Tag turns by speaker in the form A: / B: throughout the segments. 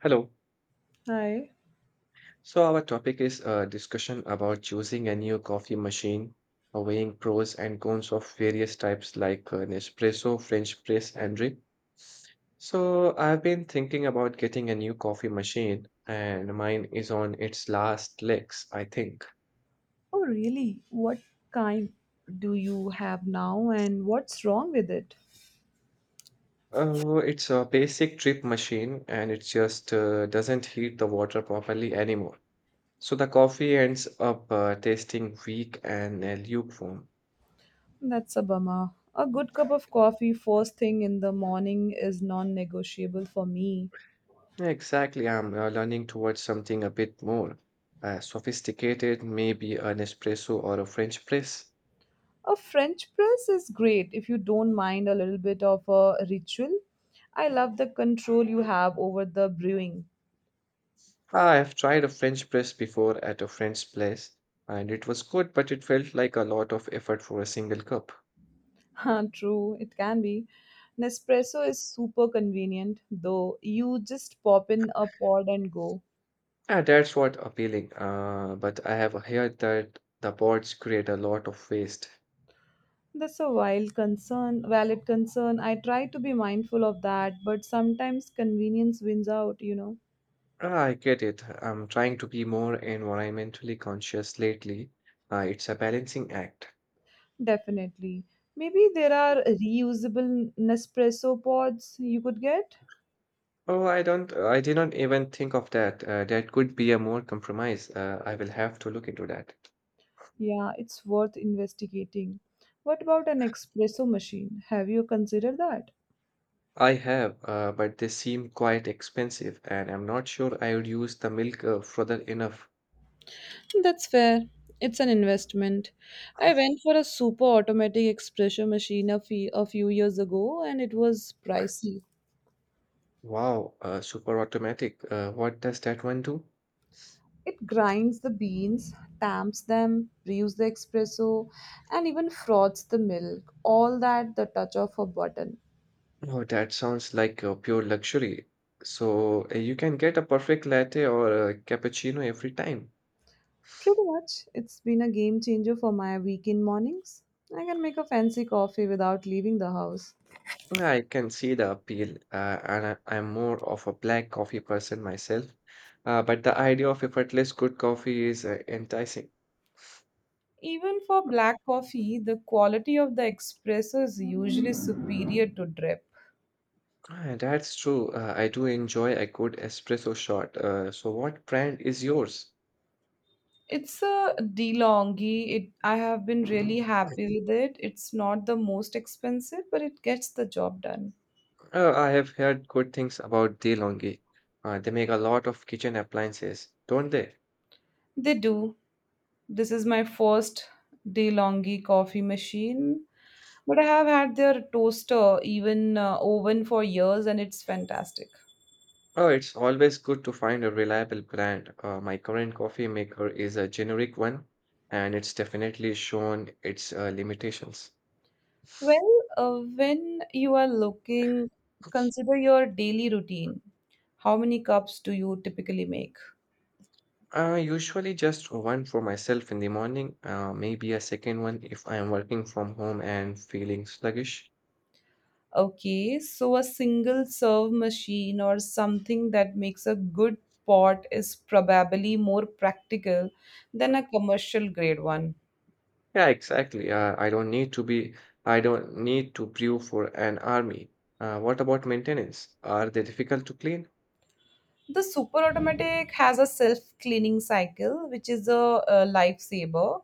A: Hello.
B: Hi.
A: So our topic is a discussion about choosing a new coffee machine, weighing pros and cons of various types like Nespresso, French press, and drip. So I've been thinking about getting a new coffee machine, and mine is on its last legs, I think.
B: Oh, really? What kind do you have now, and what's wrong with it?
A: It's a basic drip machine, and it just doesn't heat the water properly anymore. So the coffee ends up tasting weak and lukewarm.
B: That's a bummer. A good cup of coffee first thing in the morning is non negotiable for me.
A: Yeah, exactly. I'm learning towards something a bit more sophisticated, maybe an espresso or a French press.
B: A French press is great if you don't mind a little bit of a ritual. I love the control you have over the brewing.
A: I have tried a French press before at a friend's place, and it was good, but it felt like a lot of effort for a single cup.
B: Huh, true, it can be. Nespresso is super convenient, though. You just pop in a pod and go.
A: Yeah, that's what appealing. But I have heard that the pods create a lot of waste.
B: That's a wild concern, valid concern. I try to be mindful of that, but sometimes convenience wins out,
A: Ah, I get it. I'm trying to be more environmentally conscious lately. It's a balancing act.
B: Definitely. Maybe there are reusable Nespresso pods you could get.
A: Oh, I did not even think of that. That could be a more compromise. I will have to look into that.
B: Yeah, it's worth investigating. What about an espresso machine? Have you considered that?
A: I have, but they seem quite expensive, and I'm not sure I would use the milk further enough.
B: That's fair. It's an investment. I went for a super automatic espresso machine a few years ago, and it was pricey.
A: Wow, super automatic. What does that one do?
B: It grinds the beans, tamps them, brews the espresso, and even froths the milk, all that at the touch of a button.
A: Oh, that sounds like pure luxury. So you can get a perfect latte or a cappuccino every time.
B: Pretty much, it's been a game changer for my weekend mornings. I can make a fancy coffee without leaving the house.
A: Yeah, I can see the appeal, and I'm more of a black coffee person myself. But the idea of effortless good coffee is enticing.
B: Even for black coffee, the quality of the espresso is usually superior to drip.
A: Ah, that's true. I do enjoy a good espresso shot. So, what brand is yours?
B: It's a DeLonghi. It I have been really happy with it. It's not the most expensive, but it gets the job done.
A: I have heard good things about DeLonghi. They make a lot of kitchen appliances, don't they?
B: They do. This is my first DeLonghi coffee machine, but I have had their toaster, even oven for years, and it's fantastic.
A: Oh, it's always good to find a reliable brand. My current coffee maker is a generic one, and it's definitely shown its limitations.
B: Well, when you are looking, consider your daily routine. How many cups do you typically make?
A: Usually just one for myself in the morning, maybe a second one if I am working from home and feeling sluggish.
B: Okay, so a single serve machine or something that makes a good pot is probably more practical than a commercial grade one.
A: Yeah, exactly. I don't need to brew for an army. What about maintenance? Are they difficult to clean?
B: The super automatic has a self cleaning cycle, which is a lifesaver,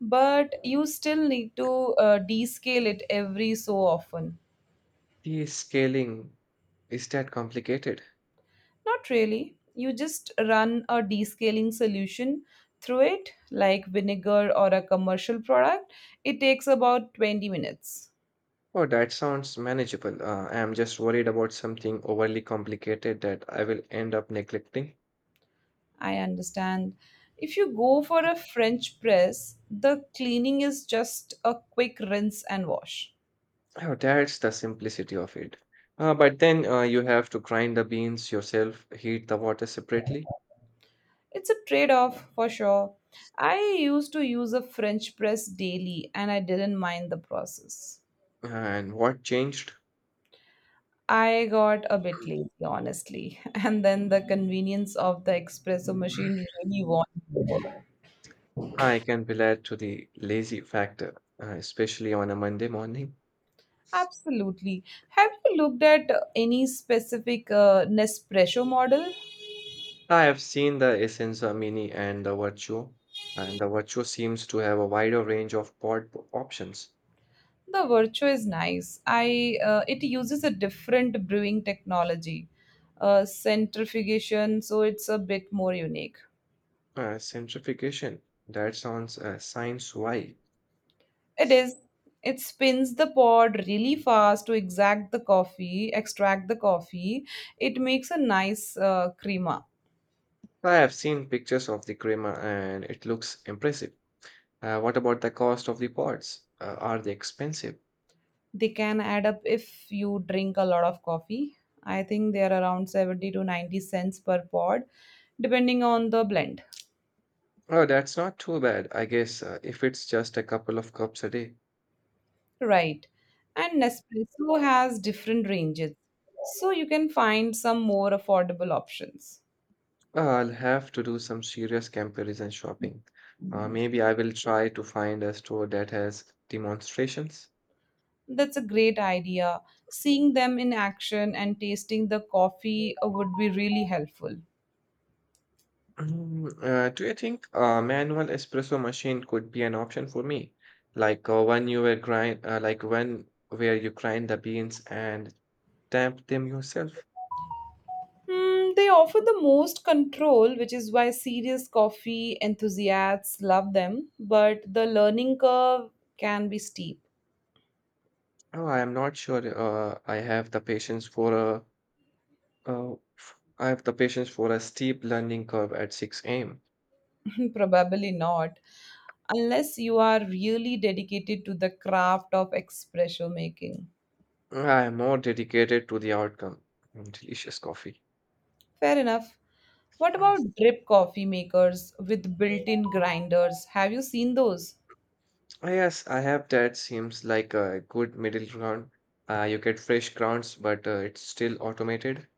B: but you still need to descale it every so often.
A: The scaling, is that complicated?
B: Not really. You just run a descaling solution through it, like vinegar or a commercial product. It takes about 20 minutes.
A: Oh, that sounds manageable. I am just worried about something overly complicated that I will end up neglecting.
B: I understand. If you go for a French press, the cleaning is just a quick rinse and wash.
A: Oh, that's the simplicity of it. But then you have to grind the beans yourself, heat the water separately.
B: It's a trade off for sure. I used to use a French press daily, and I didn't mind the process.
A: And what changed?
B: I got a bit lazy, honestly. And then the convenience of the espresso machine really won.
A: I can relate to the lazy factor, especially on a Monday morning.
B: Absolutely. Have you looked at any specific Nespresso model?
A: I have seen the Essenza Mini and the Virtuo seems to have a wider range of pod options.
B: The Virtuo is nice. I it uses a different brewing technology, centrifugation, so it's a bit more unique.
A: Centrifugation, that sounds science why.
B: It is. It spins the pod really fast to exact the coffee, extract the coffee. It makes a nice crema.
A: I have seen pictures of the crema and it looks impressive. What about the cost of the pods? Are they expensive?
B: They can add up if you drink a lot of coffee. I think they are around 70 to 90 cents per pod, depending on the blend.
A: Oh, that's not too bad, I guess, if it's just a couple of cups a day.
B: Right. And Nespresso has different ranges, so you can find some more affordable options.
A: I'll have to do some serious comparison shopping. Maybe I will try to find a store that has demonstrations.
B: That's a great idea. Seeing them in action and tasting the coffee would be really helpful.
A: Mm, do you think a manual espresso machine could be an option for me? Like one where you grind the beans and tamp them yourself?
B: Hmm, they offer the most control, which is why serious coffee enthusiasts love them, but the learning curve can be steep.
A: Oh, I am not sure Uh, I have the patience for a steep learning curve at 6 a.m.
B: Probably not, unless you are really dedicated to the craft of espresso making.
A: I am more dedicated to the outcome. Mm, delicious coffee.
B: Fair enough. What
A: Mm.
B: about drip coffee makers with built in grinders? Have you seen those?
A: Ah, yes, I have that. Seems like a good middle ground. You get fresh grounds, but it's still automated.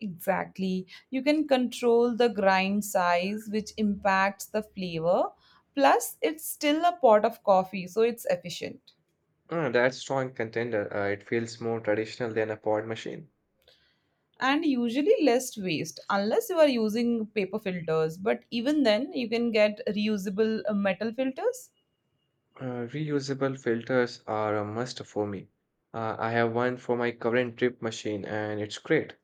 B: Exactly. You can control the grind size, which impacts the flavor. Plus, it's still a pot of coffee, so it's efficient.
A: That's strong contender. It feels more traditional than a pod machine.
B: And usually less waste, unless you are using paper filters. But even then, you can get reusable metal filters.
A: Reusable filters are a must for me. I have one for my current drip machine, and it's great.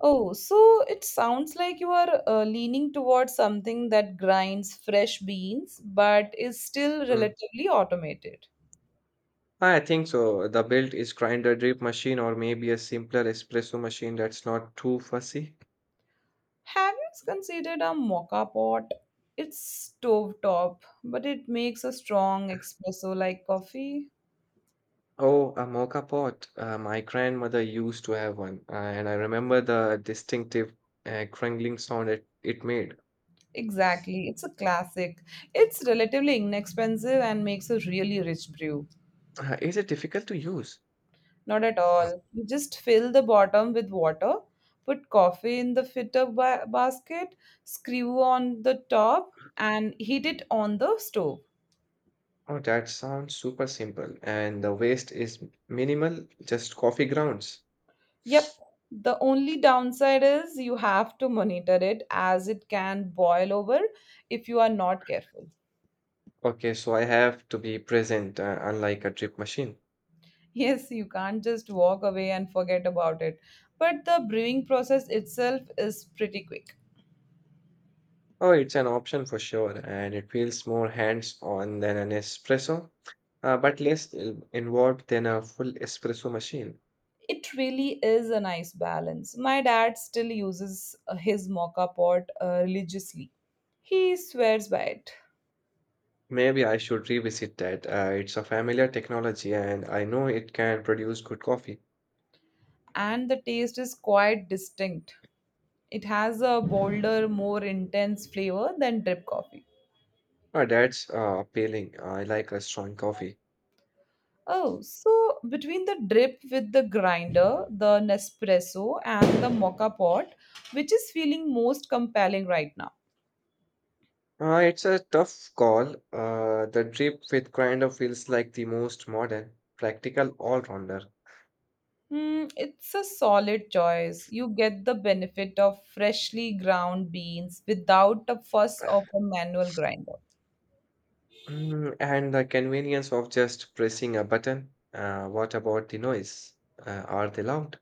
B: Oh, so it sounds like you are leaning towards something that grinds fresh beans, but is still
A: Mm,
B: relatively automated.
A: I think so. The build is grinder drip machine or maybe a simpler espresso machine that's not too fussy.
B: Have you considered a mocha pot? It's stovetop, but it makes a strong espresso like coffee.
A: Oh, a mocha pot. My grandmother used to have one, and I remember the distinctive crunkling sound it made.
B: Exactly, it's a classic. It's relatively inexpensive and makes a really rich brew.
A: Is it difficult to use?
B: Not at all. You just fill the bottom with water, put coffee in the fitter basket, screw on the top, and heat it on the stove.
A: Oh, that sounds super simple, and the waste is minimal, just coffee grounds.
B: Yep. The only downside is you have to monitor it, as it can boil over if you are not careful.
A: Okay, so I have to be present, unlike a drip machine.
B: Yes, you can't just walk away and forget about it. But the brewing process itself is pretty quick.
A: Oh, it's an option for sure, and it feels more hands-on than an espresso, but less involved than a full espresso machine.
B: It really is a nice balance. My dad still uses his mocha pot religiously. He swears by it.
A: Maybe I should revisit that. It's a familiar technology, and I know it can produce good coffee.
B: And the taste is quite distinct. It has a bolder, more intense flavor than drip coffee.
A: That's appealing. I like a strong coffee.
B: Oh, so between the drip with the grinder, the Nespresso, and the mocha pot, which is feeling most compelling right now?
A: It's a tough call. The drip with grinder feels like the most modern, practical all-rounder.
B: Hmm, it's a solid choice. You get the benefit of freshly ground beans without the fuss of a manual grinder.
A: Mm, and the convenience of just pressing a button. What about the noise? Are they loud?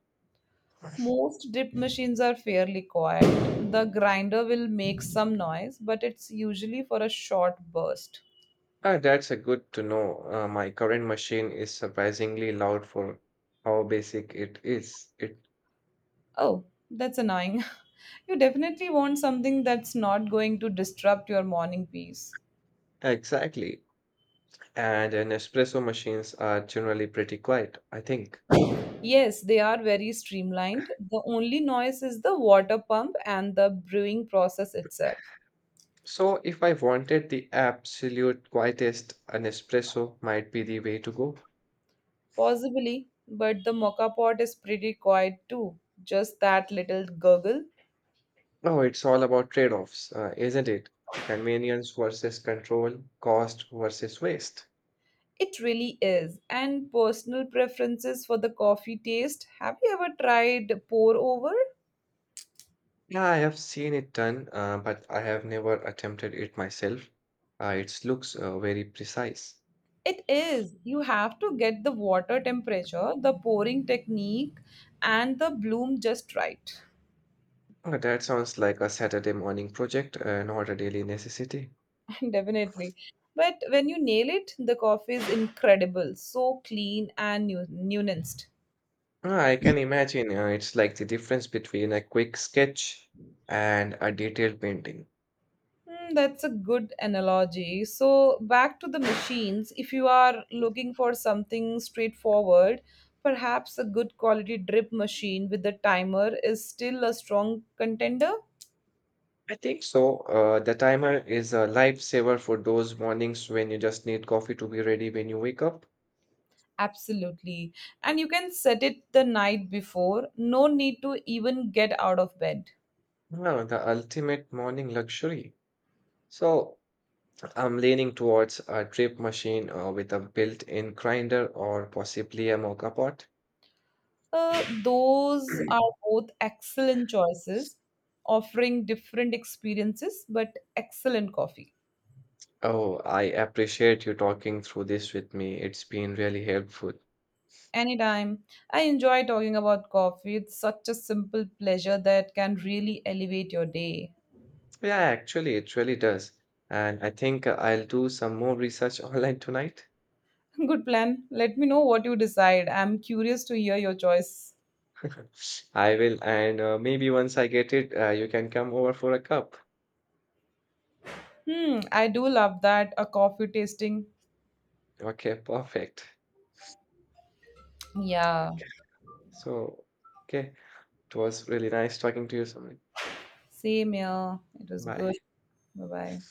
B: Most drip machines are fairly quiet. The grinder will make some noise, but it's usually for a short burst.
A: Ah, that's a good to know. My current machine is surprisingly loud for how basic it is. It
B: Oh, that's annoying. You definitely want something that's not going to disrupt your morning peace.
A: exactly. And an espresso machines are generally pretty quiet, I think.
B: Yes, they are very streamlined. The only noise is the water pump and the brewing process itself.
A: So if I wanted the absolute quietest, an espresso might be the way to go.
B: Possibly, but the mocha pot is pretty quiet too. Just that little gurgle.
A: No, it's all about trade-offs, isn't it? Convenience versus control, cost versus waste.
B: It really is. And personal preferences for the coffee taste. Have you ever tried pour over?
A: Yeah, I have seen it done, but I have never attempted it myself. It looks very precise.
B: It is. You have to get the water temperature, the pouring technique, and the bloom just right.
A: That sounds like a Saturday morning project, not a daily necessity.
B: Definitely. But when you nail it, the coffee is incredible, so clean and nuanced.
A: I can imagine it's like the difference between a quick sketch and a detailed painting.
B: Hmm, that's a good analogy. So, back to the machines. If you are looking for something straightforward, perhaps a good quality drip machine with a timer is still a strong contender.
A: I think so. The timer is a lifesaver for those mornings when you just need coffee to be ready when you wake up.
B: Absolutely. And you can set it the night before. No need to even get out of bed.
A: No, the ultimate morning luxury. So I'm leaning towards a drip machine with a built-in grinder or possibly a mocha pot.
B: Those are both excellent choices, offering different experiences, but excellent coffee.
A: Oh, I appreciate you talking through this with me. It's been really helpful.
B: Anytime. I enjoy talking about coffee. It's such a simple pleasure that can really elevate your day.
A: Yeah, actually, it really does. And I think I'll do some more research online tonight.
B: Good plan. Let me know what you decide. I'm curious to hear your choice.
A: I will. And maybe once I get it, you can come over for a cup.
B: Hmm, I do love that. A coffee tasting.
A: Okay, perfect.
B: Yeah.
A: Okay. So, okay. It was really nice talking to you, Samir.
B: Same here. It was
A: Bye.
B: good. Bye bye.